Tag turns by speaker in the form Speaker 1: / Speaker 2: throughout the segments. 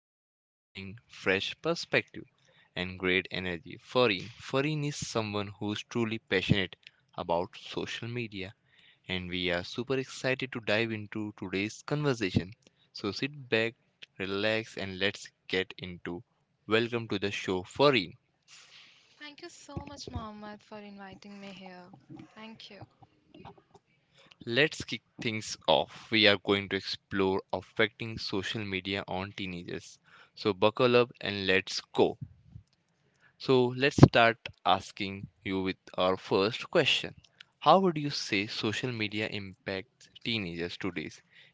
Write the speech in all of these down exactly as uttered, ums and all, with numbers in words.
Speaker 1: who always brings fresh perspective and great energy. Farin. Farin is someone who is truly passionate about social media, and we are super excited to dive into today's conversation. So sit back, relax, and let's get into. Welcome to the show, Farin.
Speaker 2: Thank you so much, Mohammed, for inviting me here. Thank you.
Speaker 1: Let's kick things off. We are going to explore affecting social media on teenagers. So buckle up and let's go. So let's start asking you with our first question. How would you say social media impacts teenagers today?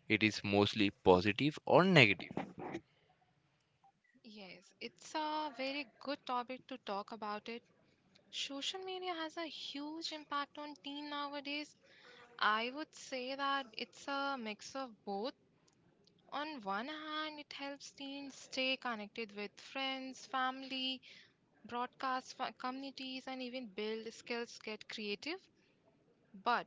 Speaker 1: It is mostly positive or negative?
Speaker 2: Yes, it's a very good topic to talk about it. Social media has a huge impact on teen nowadays. I would say that it's a mix of both. On one hand, it helps teens stay connected with friends, family, broadcast fa- communities, and even build skills, get creative. But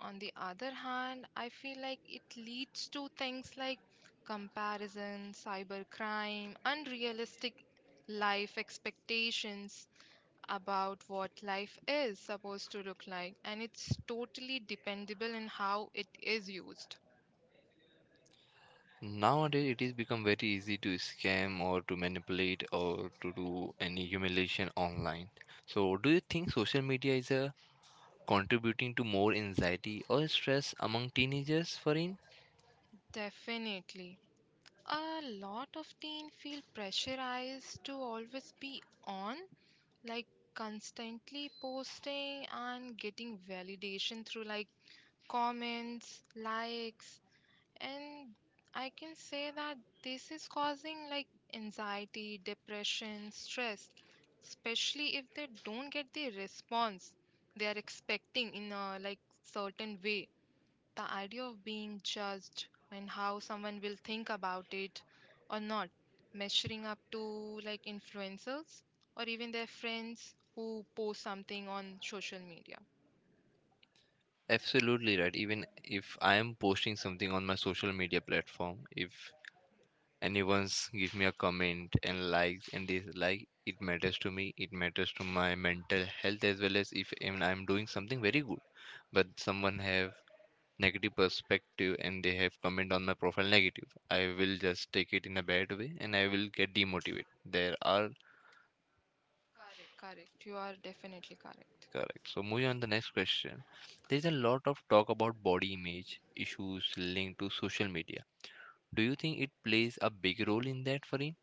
Speaker 2: on the other hand, I feel like it leads to things like comparison, cybercrime, unrealistic life expectations about what life is supposed to look like, and it's totally dependable in how it is used.
Speaker 1: Nowadays it is become very easy to scam or to manipulate or to do any humiliation online. So do you think social media is a contributing to more anxiety or stress among teenagers, Farin?
Speaker 2: Definitely. A lot of teen feel pressurized to always be on, like constantly posting and getting validation through like comments, likes, and I can say that this is causing like anxiety, depression, stress, especially if they don't get the response they are expecting in a like certain way, the idea of being judged and how someone will think about it or not measuring up to like influencers or even their friends who post something on social media.
Speaker 1: Absolutely right. Even if I am posting something on my social media platform, if anyone's give me a comment and likes and dislike, it matters to me. It matters to my mental health as well as if even I'm doing something very good, but someone have negative perspective and they have comment on my profile negative. I will just take it in a bad way and I will get demotivated. There are
Speaker 2: Correct correct you are definitely correct.
Speaker 1: Correct. So moving on the next question. There's a lot of talk about body image issues linked to social media. Do you think it plays a big role in that, Farin?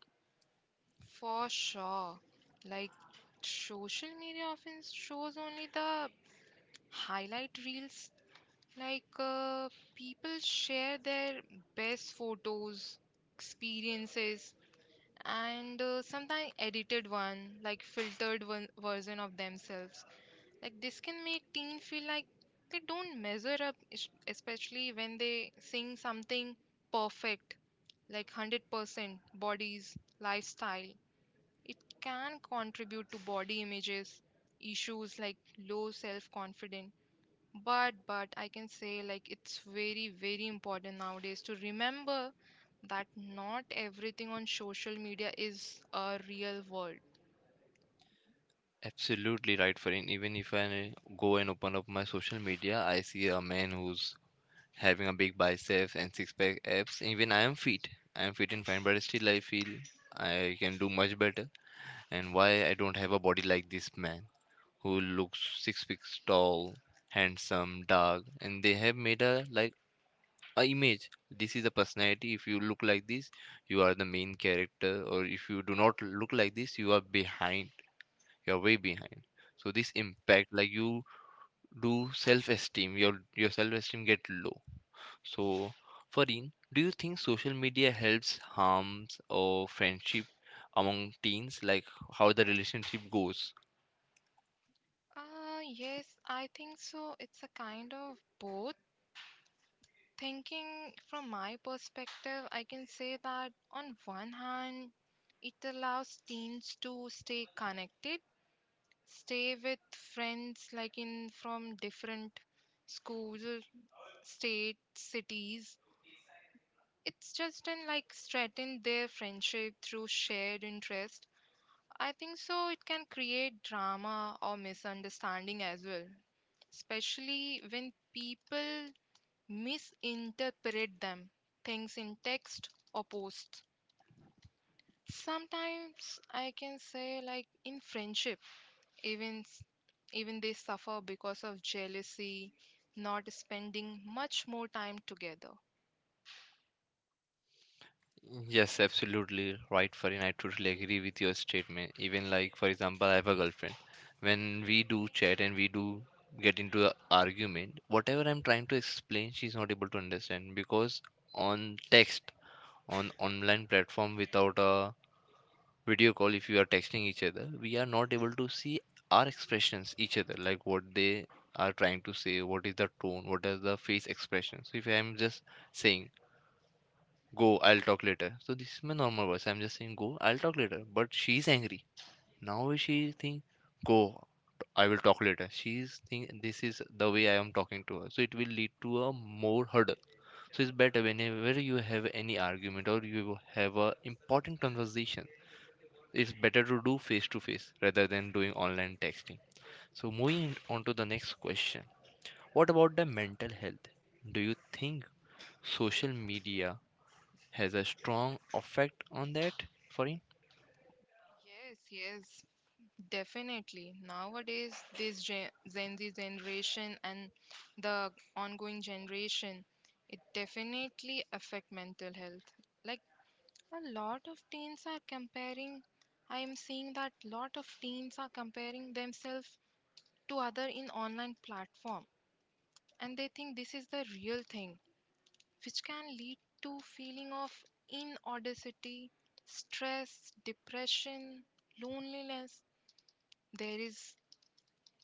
Speaker 2: For sure, like social media often shows only the highlight reels, like uh, people share their best photos, experiences, and uh, sometimes edited one, like filtered one version of themselves. Like this can make teen feel like they don't measure up, es- especially when they sing something perfect, like one hundred percent bodies lifestyle. It can contribute to body images issues like low self confidence. But but I can say like it's very very important nowadays to remember that not everything on social media is a real world.
Speaker 1: Absolutely right, Farin. Even if I go and open up my social media, I see a man who's having a big biceps and six pack abs. Even I am fit. I am fit and fine, but still I feel I can do much better. And why I don't have a body like this man who looks six feet tall, handsome, dark, and they have made a like a image, this is a personality. If you look like this, you are the main character, or if you do not look like this, you are behind, you are way behind. So this impact like you do self-esteem, your your self-esteem get low. So Farin, do you think social media helps, harms or friendship among teens, like how the relationship goes?
Speaker 2: Uh yes, I think so. It's a kind of both. Thinking from my perspective, I can say that on one hand, it allows teens to stay connected, stay with friends, like in from different schools, state, cities. It's just in like strengthen their friendship through shared interest. I think so it can create drama or misunderstanding as well, especially when people misinterpret them, things in text or posts. Sometimes I can say like in friendship, even s- even they suffer because of jealousy, not spending much more time together.
Speaker 1: Yes, absolutely right, Farin. I totally agree with your statement. Even like, for example, I have a girlfriend. When we do chat and we do get into an argument, whatever I'm trying to explain, she's not able to understand because on text, on online platform without a video call, if you are texting each other, we are not able to see our expressions each other, like what they are trying to say, what is the tone, what are the face expressions. If I'm just saying go, I'll talk later. So this is my normal voice. I'm just saying go, I'll talk later. But she's angry. Now she think go, I will talk later. She's think this is the way I am talking to her. So it will lead to a more hurdle. So it's better whenever you have any argument or you have a important conversation. It's better to do face to face rather than doing online texting. So moving on to the next question. What about the mental health? Do you think social media has a strong effect on that, Farin?
Speaker 2: Yes, yes. Definitely. Nowadays, this gen, Gen Z generation and the ongoing generation, it definitely affect mental health. Like a lot of teens are comparing, I am seeing that lot of teens are comparing themselves to other in online platform and they think this is the real thing, which can lead to feeling of inaudacity, stress, depression, loneliness. There is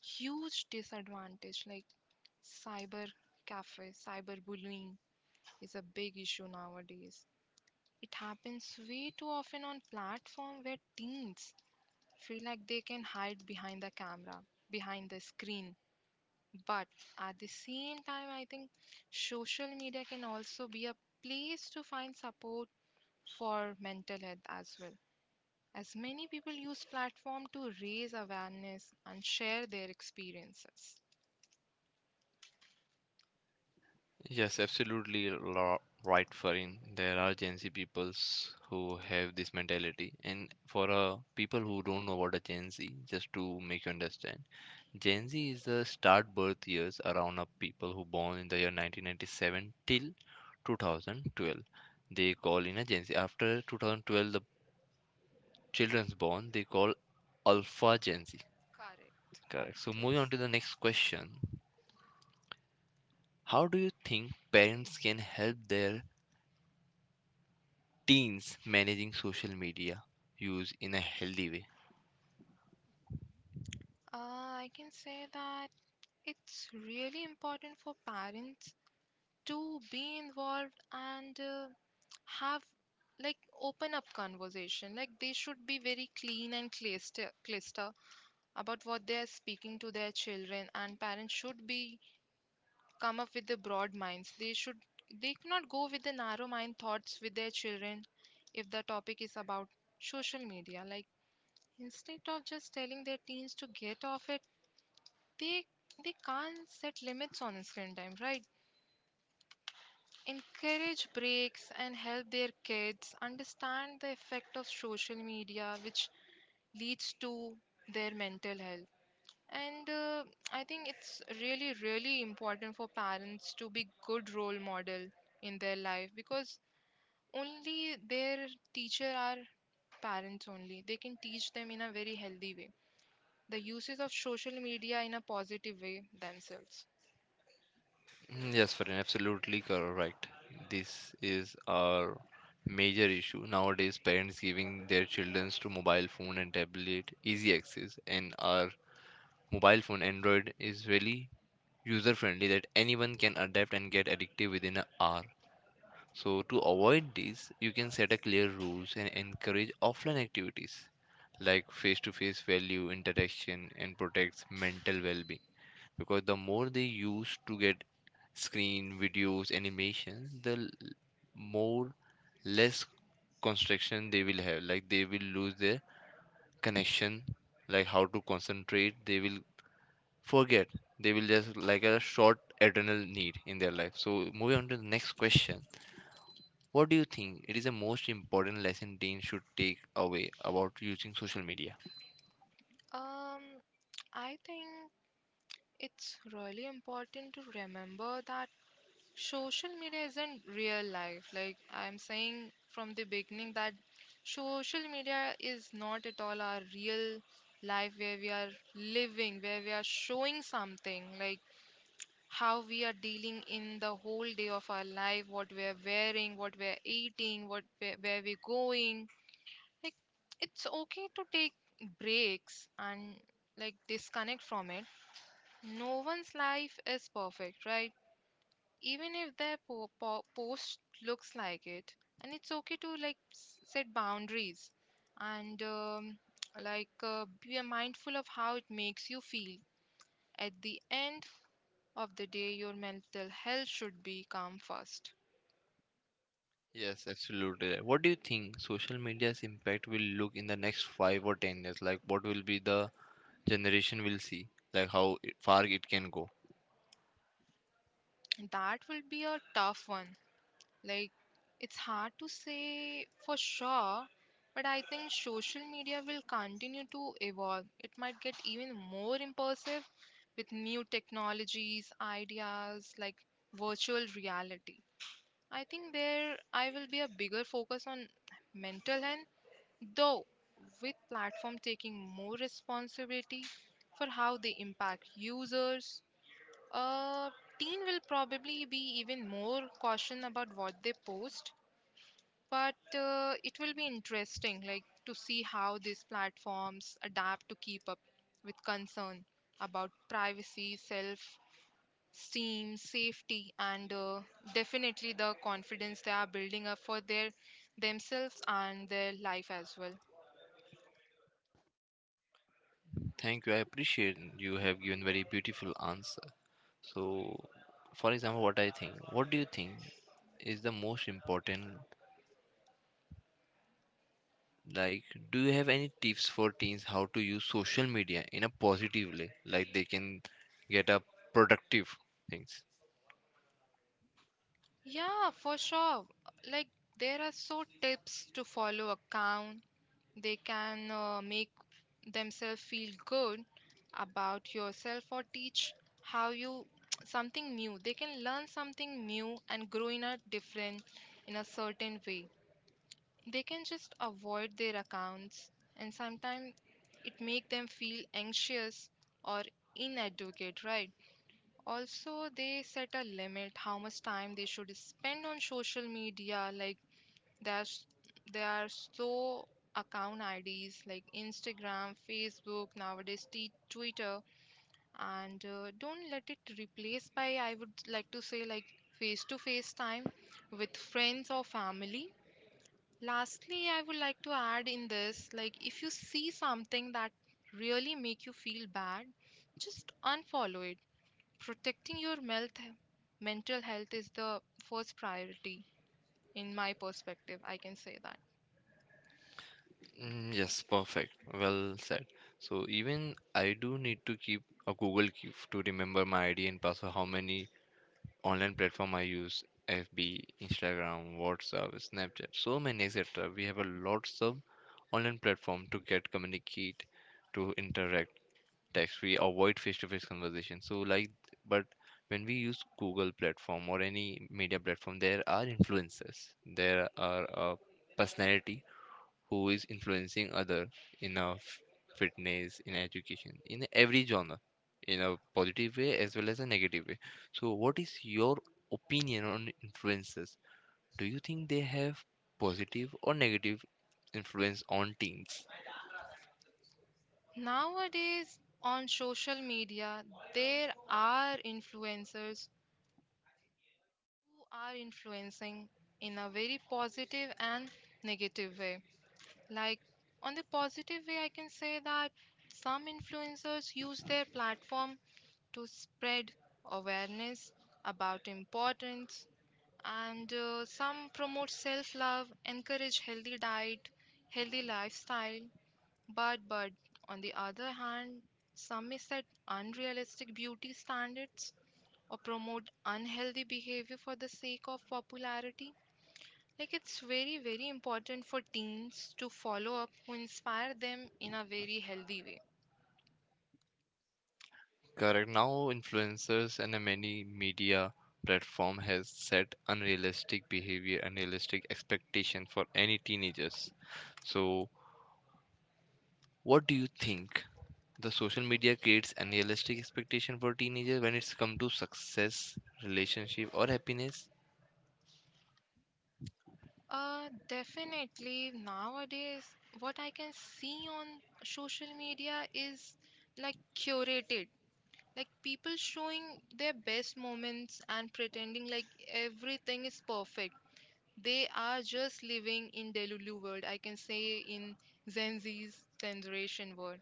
Speaker 2: huge disadvantage like cyber cafe, cyber bullying is a big issue nowadays. It happens way too often on platform where teens feel like they can hide behind the camera, behind the screen. But at the same time, I think social media can also be a place to find support for mental health as well, as many people use platform to raise awareness and share their experiences.
Speaker 1: Yes, absolutely lo- right, Farin. There are Gen Z peoples who have this mentality, and for uh, people who don't know about a Gen Z, just to make you understand, Gen Z is the start birth years around of people who born in the year nineteen ninety-seven till two thousand twelve. They call in a Gen Z. After twenty twelve, the children's born, they call Alpha Gen Z.
Speaker 2: Correct,
Speaker 1: Correct.
Speaker 2: correct,
Speaker 1: So
Speaker 2: yes.
Speaker 1: moving on to the next question. How do you think parents can help their teens managing social media use in a healthy way?
Speaker 2: Uh, I can say that it's really important for parents to be involved and uh, have like open up conversation. Like they should be very clean and cluster, cluster about what they are speaking to their children, and parents should be come up with the broad minds. They should, they cannot go with the narrow mind thoughts with their children if the topic is about social media. Like, instead of just telling their teens to get off it, they they can't set limits on screen time, right? Encourage breaks and help their kids understand the effect of social media, which leads to their mental health. And uh, I think it's really, really important for parents to be good role model in their life, because only their teacher are parents only. They can teach them in a very healthy way, the uses of social media in a positive way themselves.
Speaker 1: Mm, yes, friend, absolutely correct. This is our major issue nowadays. Parents giving their children to mobile phone and tablet easy access, and our mobile phone Android is really user friendly that anyone can adapt and get addictive within an hour. So, to avoid this, you can set a clear rules and encourage offline activities like face to face value interaction and protects mental well being. Because the more they use to get screen, videos, animations, the l- more less construction they will have. Like they will lose their connection, like how to concentrate, they will forget. They will just like a short eternal need in their life. So, moving on to the next question. What do you think it is the most important lesson teens should take away about using social media?
Speaker 2: Um, I think it's really important to remember that social media isn't real life. Like I'm saying from the beginning, that social media is not at all our real life, where we are living, where we are showing something like how we are dealing in the whole day of our life, what we are wearing, what we are eating, what where, where we're going. Like it's okay to take breaks and like disconnect from it. No one's life is perfect, right? Even if their po- po- post looks like it. And it's okay to like s- set boundaries, and um, like uh, be mindful of how it makes you feel. At the end of the day, your mental health should be come first.
Speaker 1: Yes, absolutely right. What do you think social media's impact will look in the next five or ten years? Like, what will be the generation will see? Like, how it- far it can go?
Speaker 2: That will be a tough one. Like, it's hard to say for sure, but I think social media will continue to evolve. It might get even more immersive with new technologies, ideas like virtual reality. I think there I will be a bigger focus on mental health, though, with platform taking more responsibility for how they impact users. A teen will probably be even more caution about what they post, but uh, it will be interesting like to see how these platforms adapt to keep up with concern about privacy, self esteem, safety, and uh, definitely the confidence they are building up for their themselves and their life as well.
Speaker 1: Thank you. I appreciate you have given very beautiful answer. So, for example, what I think, what do you think is the most important? Like, do you have any tips for teens how to use social media in a positive way? Like, they can get a productive things.
Speaker 2: Yeah, for sure. Like, there are so tips to follow account. They can uh, make themselves feel good about yourself or teach how you something new. They can learn something new and grow in a different, in a certain way. They can just avoid their accounts, and sometimes it make them feel anxious or inadequate, right? Also, they set a limit how much time they should spend on social media. Like there are, s- there are so account I Ds like Instagram, Facebook, nowadays t- Twitter, and uh, don't let it replace by, I would like to say, like face to face time with friends or family. Lastly, I would like to add in this, like if you see something that really make you feel bad, just unfollow it. Protecting your melt- mental health is the first priority, in my perspective, I can say that.
Speaker 1: Mm, yes, perfect. Well said. So even I do need to keep a Google Keep to remember my I D and password, how many online platform I use F B, Instagram, WhatsApp, Snapchat, so many et cetera. We have a lots of online platform to get communicate, to interact, text. We avoid face-to-face conversation. So like, but when we use Google platform or any media platform, there are influences. There are uh, personality who is influencing other in a f- fitness, in education, in every genre, in a positive way as well as a negative way. So what is your opinion on influencers? Do you think they have positive or negative influence on teens?
Speaker 2: Nowadays, on social media, there are influencers who are influencing in a very positive and negative way. Like, on the positive way, I can say that some influencers use their platform to spread awareness about importance, and uh, some promote self love, encourage healthy diet, healthy lifestyle. But, but, on the other hand, some may set unrealistic beauty standards or promote unhealthy behavior for the sake of popularity. Like, it's very, very important for teens to follow up who inspire them in a very healthy way.
Speaker 1: Correct. Now influencers and a many media platform has set unrealistic behavior, unrealistic expectation for any teenagers. So what do you think, the social media creates unrealistic expectation for teenagers when it's come to success, relationship, or happiness?
Speaker 2: Uh, definitely nowadays, what I can see on social media is like curated, like people showing their best moments and pretending like everything is perfect. They are just living in Delulu world, I can say, in Gen Z's generation world.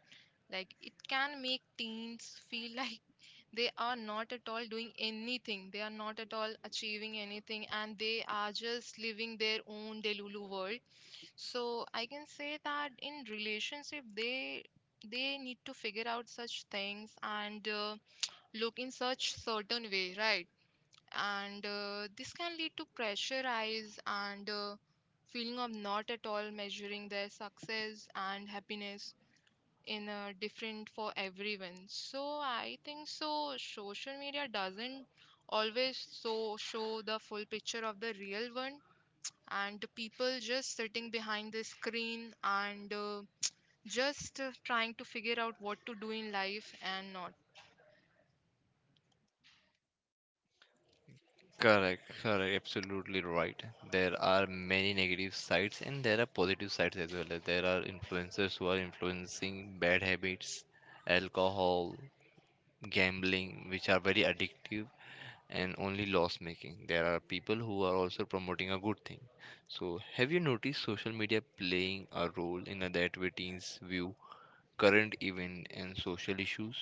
Speaker 2: Like it can make teens feel like they are not at all doing anything. They are not at all achieving anything, and they are just living their own Delulu world. So I can say that in relationship, they they need to figure out such things, and uh, look in such certain way, right? And uh, this can lead to pressure eyes, and uh, feeling of not at all measuring their success and happiness in a different for everyone. So I think so social media doesn't always so show the full picture of the real one, and the people just sitting behind the screen, and uh, just uh, trying to figure out what to do in life and not.
Speaker 1: Correct, correct, absolutely right. There are many negative sides and there are positive sides as well. There are influencers who are influencing bad habits, alcohol, gambling, which are very addictive and only loss making. There are people who are also promoting a good thing. So, have you noticed social media playing a role in a that way teens view current event and social issues?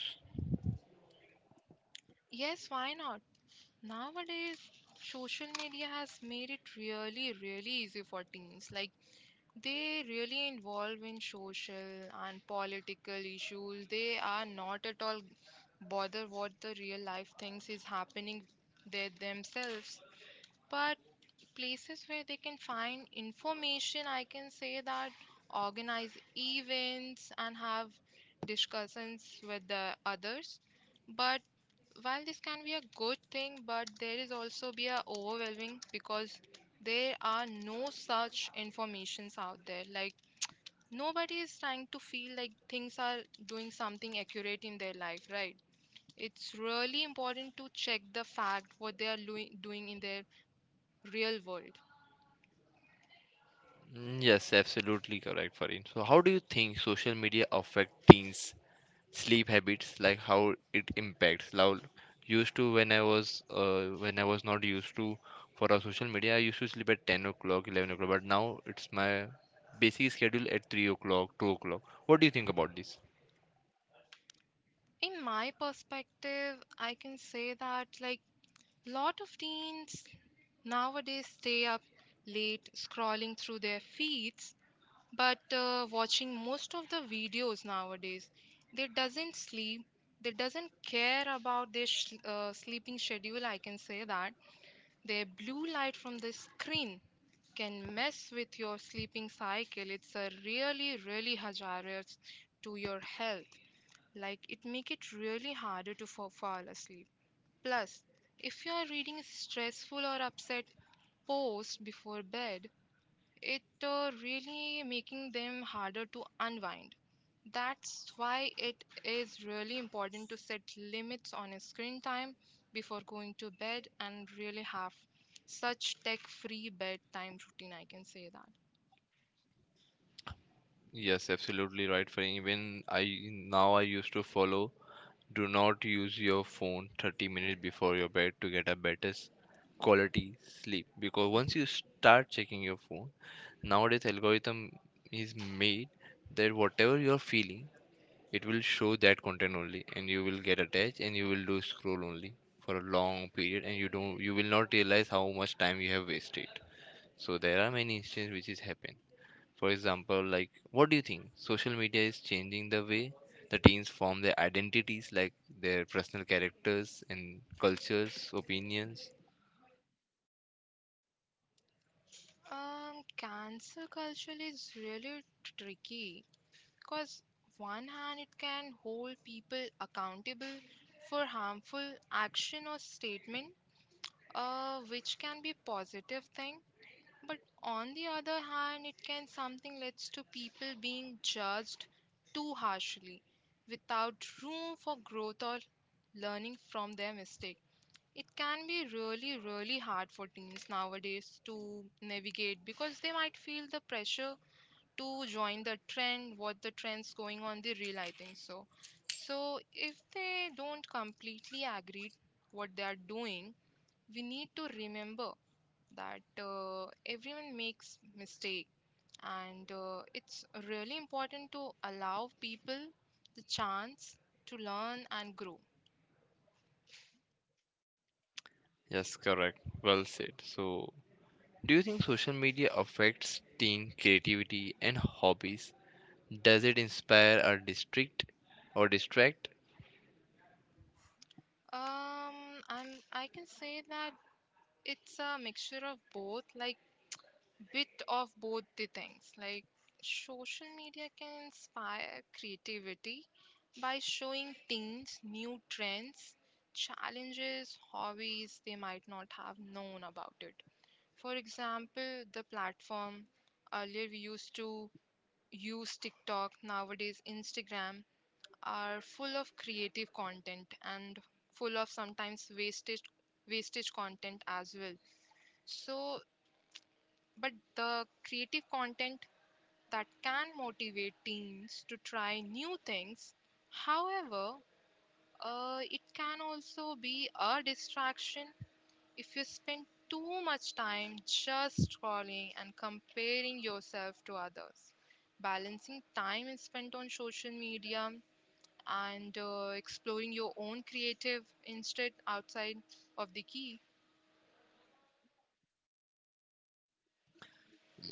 Speaker 2: Yes, why not. Nowadays, social media has made it really, really easy for teens. Like they really involve in social and political issues. They are not at all bother what the real life things is happening there themselves. But places where they can find information, I can say that organize events and have discussions with the others. But while this can be a good thing, but there is also be a overwhelming, because there are no such informations out there. Like nobody is trying to feel like things are doing something accurate in their life, right? It's really important to check the fact what they are loi- doing in their real world.
Speaker 1: Mm, yes, absolutely correct, Farin. So, how do you think social media affect teens' sleep habits? Like how it impacts? Now, used to when I was uh, when I was not used to for our social media, I used to sleep at ten o'clock, eleven o'clock. But now it's my basic schedule at three o'clock, two o'clock. What do you think about this?
Speaker 2: In my perspective, I can say that like lot of teens nowadays stay up late scrolling through their feeds, but uh, watching most of the videos nowadays, they doesn't sleep, they doesn't care about their sh- uh, sleeping schedule, I can say that. Their blue light from the screen can mess with your sleeping cycle. It's a really really hazardous to your health. Like it make it really harder to fa- fall asleep. Plus, if you are reading stressful or upset post before bed, it uh, really making them harder to unwind. That's why it is really important to set limits on screen time before going to bed, and really have such tech free bedtime routine, I can say that.
Speaker 1: Yes, absolutely right, Farin. Even I now I used to follow, do not use your phone thirty minutes before your bed to get a better s- quality sleep, because once you start checking your phone, nowadays algorithm is made that whatever you are feeling, it will show that content only and you will get attached and you will do scroll only for a long period and you don't, you will not realize how much time you have wasted. So there are many instances which is happen. For example, like, what do you think? Social media is changing the way the teens form their identities, like their personal characters and cultures, opinions.
Speaker 2: Um, cancer culture is really tricky because, one hand, it can hold people accountable for harmful action or statement, uh, which can be positive thing. But on the other hand, it can something leads to people being judged too harshly without room for growth or learning from their mistake. It can be really, really hard for teens nowadays to navigate because they might feel the pressure to join the trend, what the trend's going on, they real, I think so. So if they don't completely agree what they are doing, we need to remember that uh, everyone makes mistake, and uh, it's really important to allow people the chance to learn and grow.
Speaker 1: Yes, correct. Well said. So, do you think social media affects teen creativity and hobbies? Does it inspire or distract or distract?
Speaker 2: Um i'm i can say that it's a mixture of both, like bit of both the things, like social media can inspire creativity by showing teens new trends, challenges, hobbies they might not have known about it. For example, the platform earlier we used to use TikTok, nowadays Instagram are full of creative content and full of sometimes wastage wastage content as well. So, but the creative content that can motivate teens to try new things, however, uh, it can also be a distraction. If you spend too much time just scrolling and comparing yourself to others, balancing time is spent on social media and uh, exploring your own creative instead outside of the key.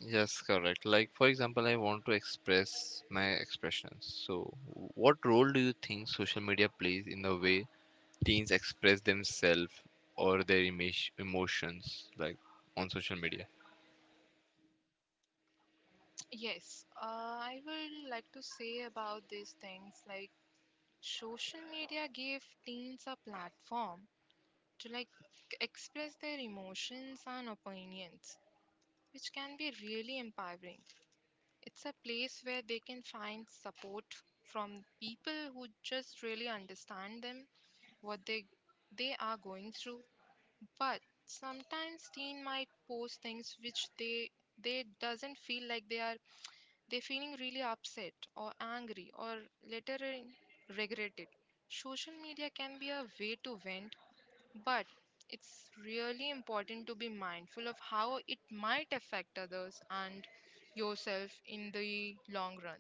Speaker 1: Yes, correct. Like, for example, I want to express my expressions. So, what role do you think social media plays in the way teens express themselves or their image, emotions, like on social media?
Speaker 2: Yes, uh, I would like to say about these things, like social media gave teens a platform to like express their emotions and opinions, which can be really empowering. It's a place where they can find support from people who just really understand them, what they they are going through. But sometimes teen might post things which they they doesn't feel like they are they feeling really upset or angry or later in regret it. Social media can be a way to vent, but it's really important to be mindful of how it might affect others and yourself in the long run.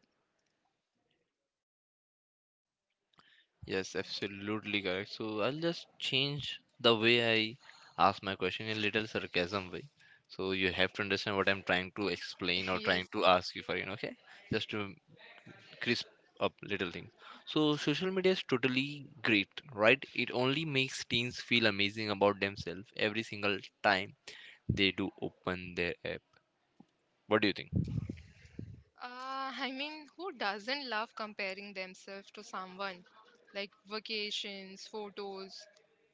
Speaker 1: Yes, absolutely correct. So I'll just change the way I ask my question in a little sarcasm way. So you have to understand what I'm trying to explain or trying
Speaker 2: Yes, yes.
Speaker 1: to ask you for, you know, okay? Just to crisp up little things. So social media is totally great, right? It only makes teens feel amazing about themselves every single time they do open their app. What do you think?
Speaker 2: Uh, I mean, who doesn't love comparing themselves to someone? Like vacations, photos,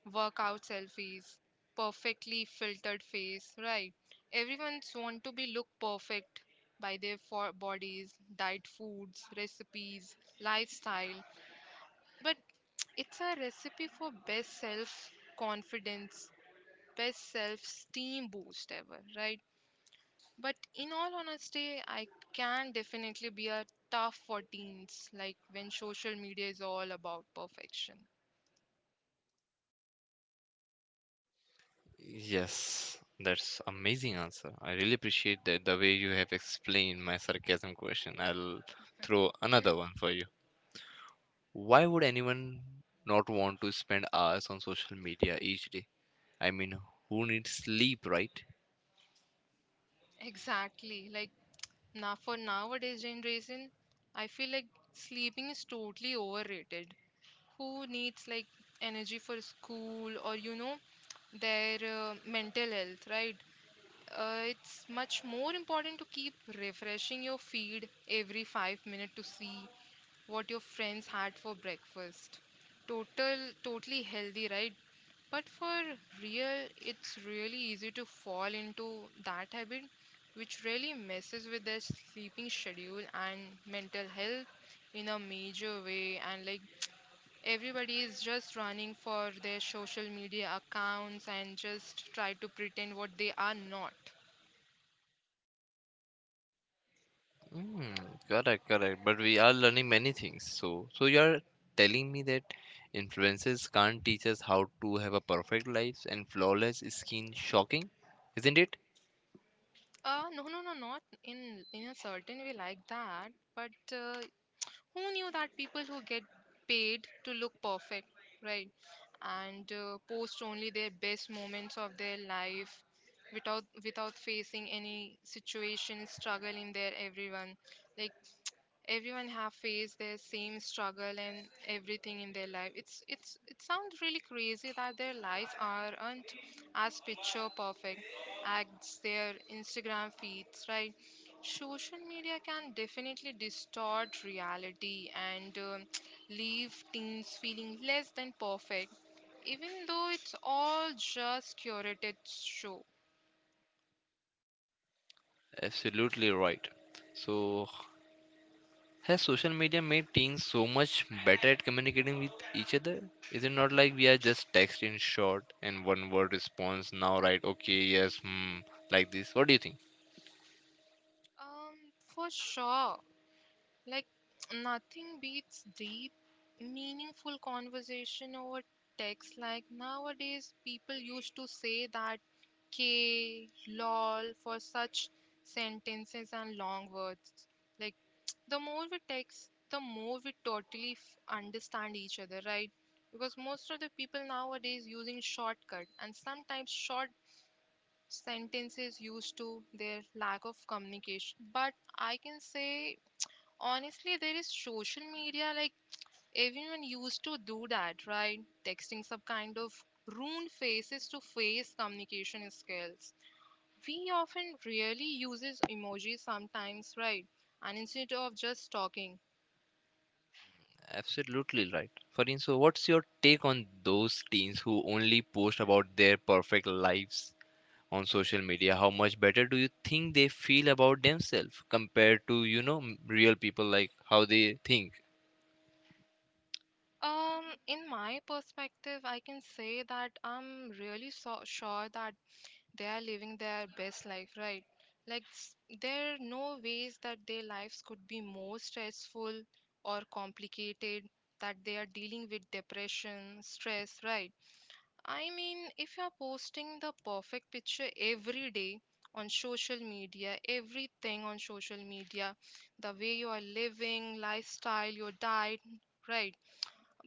Speaker 2: workout selfies, perfectly filtered face, right? Everyone's want to be look perfect by their for bodies, diet foods, recipes, lifestyle. But it's a recipe for best self confidence, best self esteem boost ever, right? But in all honesty, I can definitely be a tough for teens, like when social media is all about perfection.
Speaker 1: Yes, that's amazing answer. I really appreciate that the way you have explained my sarcasm question. I'll throw another one for you. Why would anyone not want to spend hours on social media each day? I mean, who needs sleep, right?
Speaker 2: Exactly. Like now for nowadays generation, I feel like sleeping is totally overrated. Who needs like energy for school, or you know their uh, mental health, right? Uh, it's much more important to keep refreshing your feed every five minutes to see what your friends had for breakfast. Total, totally healthy, right? But for real, it's really easy to fall into that habit, which really messes with their sleeping schedule and mental health in a major way. And like everybody is just running for their social media accounts and just try to pretend what they are not.
Speaker 1: Mm, correct, correct. But we are learning many things. So, so you're telling me that influencers can't teach us how to have a perfect lives and flawless skin, shocking, isn't it?
Speaker 2: Uh, no, no, no, not in in a certain way like that. But uh, who knew that people who get paid to look perfect, right, and uh, post only their best moments of their life without without facing any situation struggle in their everyone, like everyone have faced their same struggle and everything in their life. It's it's it sounds really crazy that their lives aren't as picture perfect as their Instagram feeds, right? Social media can definitely distort reality and um leave teens feeling less than perfect, even though it's all just curated show.
Speaker 1: Absolutely right. So, has social media made teens so much better at communicating with each other? Is it not like we are just text in short and one word response now, right? Okay, yes, hmm, like this. What do you think?
Speaker 2: um for sure. Like, nothing beats deep, meaningful conversation over text. Like, nowadays, people used to say that K, lol for such sentences and long words. Like, the more we text, the more we totally f- understand each other, right? Because most of the people nowadays using shortcut and sometimes short sentences used to their lack of communication. But I can say, honestly, there is social media, like everyone used to do that, right? Texting some kind of ruined faces to face communication skills. We often really uses emojis sometimes, right? And instead of just talking.
Speaker 1: Absolutely right. Farin, so what's your take on those teens who only post about their perfect lives on social media? How much better do you think they feel about themselves compared to, you know, m- real people, like how they think?
Speaker 2: Um, in my perspective, I can say that I'm really so sure that they are living their best life, right? Like s- there are no ways that their lives could be more stressful or complicated, that they are dealing with depression stress, right? I mean, if you are posting the perfect picture every day on social media, everything on social media, the way you are living lifestyle, your diet, right?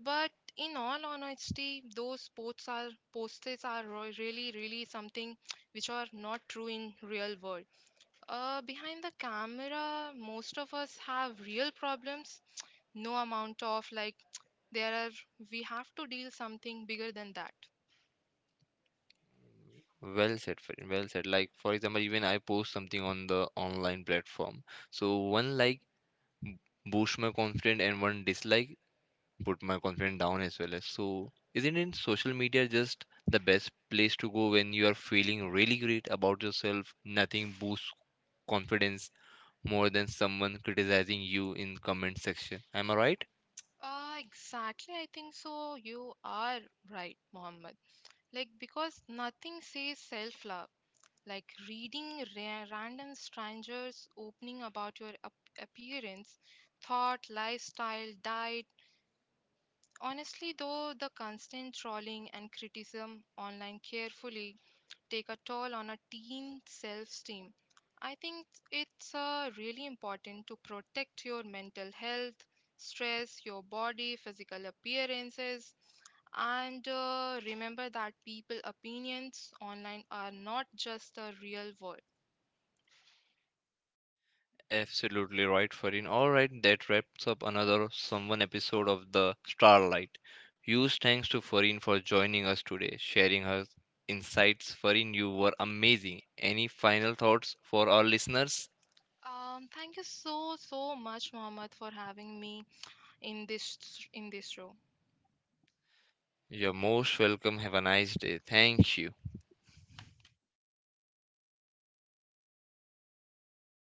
Speaker 2: But in all honesty, those sports are posters are ro- really, really something which are not true in real world. Uh, behind the camera, most of us have real problems. No amount of like there are we have to deal something bigger than that.
Speaker 1: Well said, friend. Well said. Like for example, even I post something on the online platform. So one like b- boost my confidence and one dislike put my confidence down as well as. So isn't it social media just the best place to go when you are feeling really great about yourself? Nothing boosts confidence more than someone criticizing you in comment section. Am I right?
Speaker 2: Uh, exactly, I think so. You are right, Mohammed. Like because nothing says self-love like reading ra- random strangers opening about your ap- appearance, thought, lifestyle, diet. Honestly though, the constant trolling and criticism online carefully take a toll on a teen self-esteem. I think it's uh, really important to protect your mental health, stress your body physical appearances, and uh, remember that people opinions online are not just the real world.
Speaker 1: Absolutely right, Farin. Alright, that wraps up another someone episode of the Starlight. Huge thanks to Farin for joining us today, sharing her insights. Farin, you were amazing. Any final thoughts for our listeners?
Speaker 2: Um, thank you so so much, Mohammed, for having me in this in this show.
Speaker 1: You're most welcome. Have a nice day. Thank you.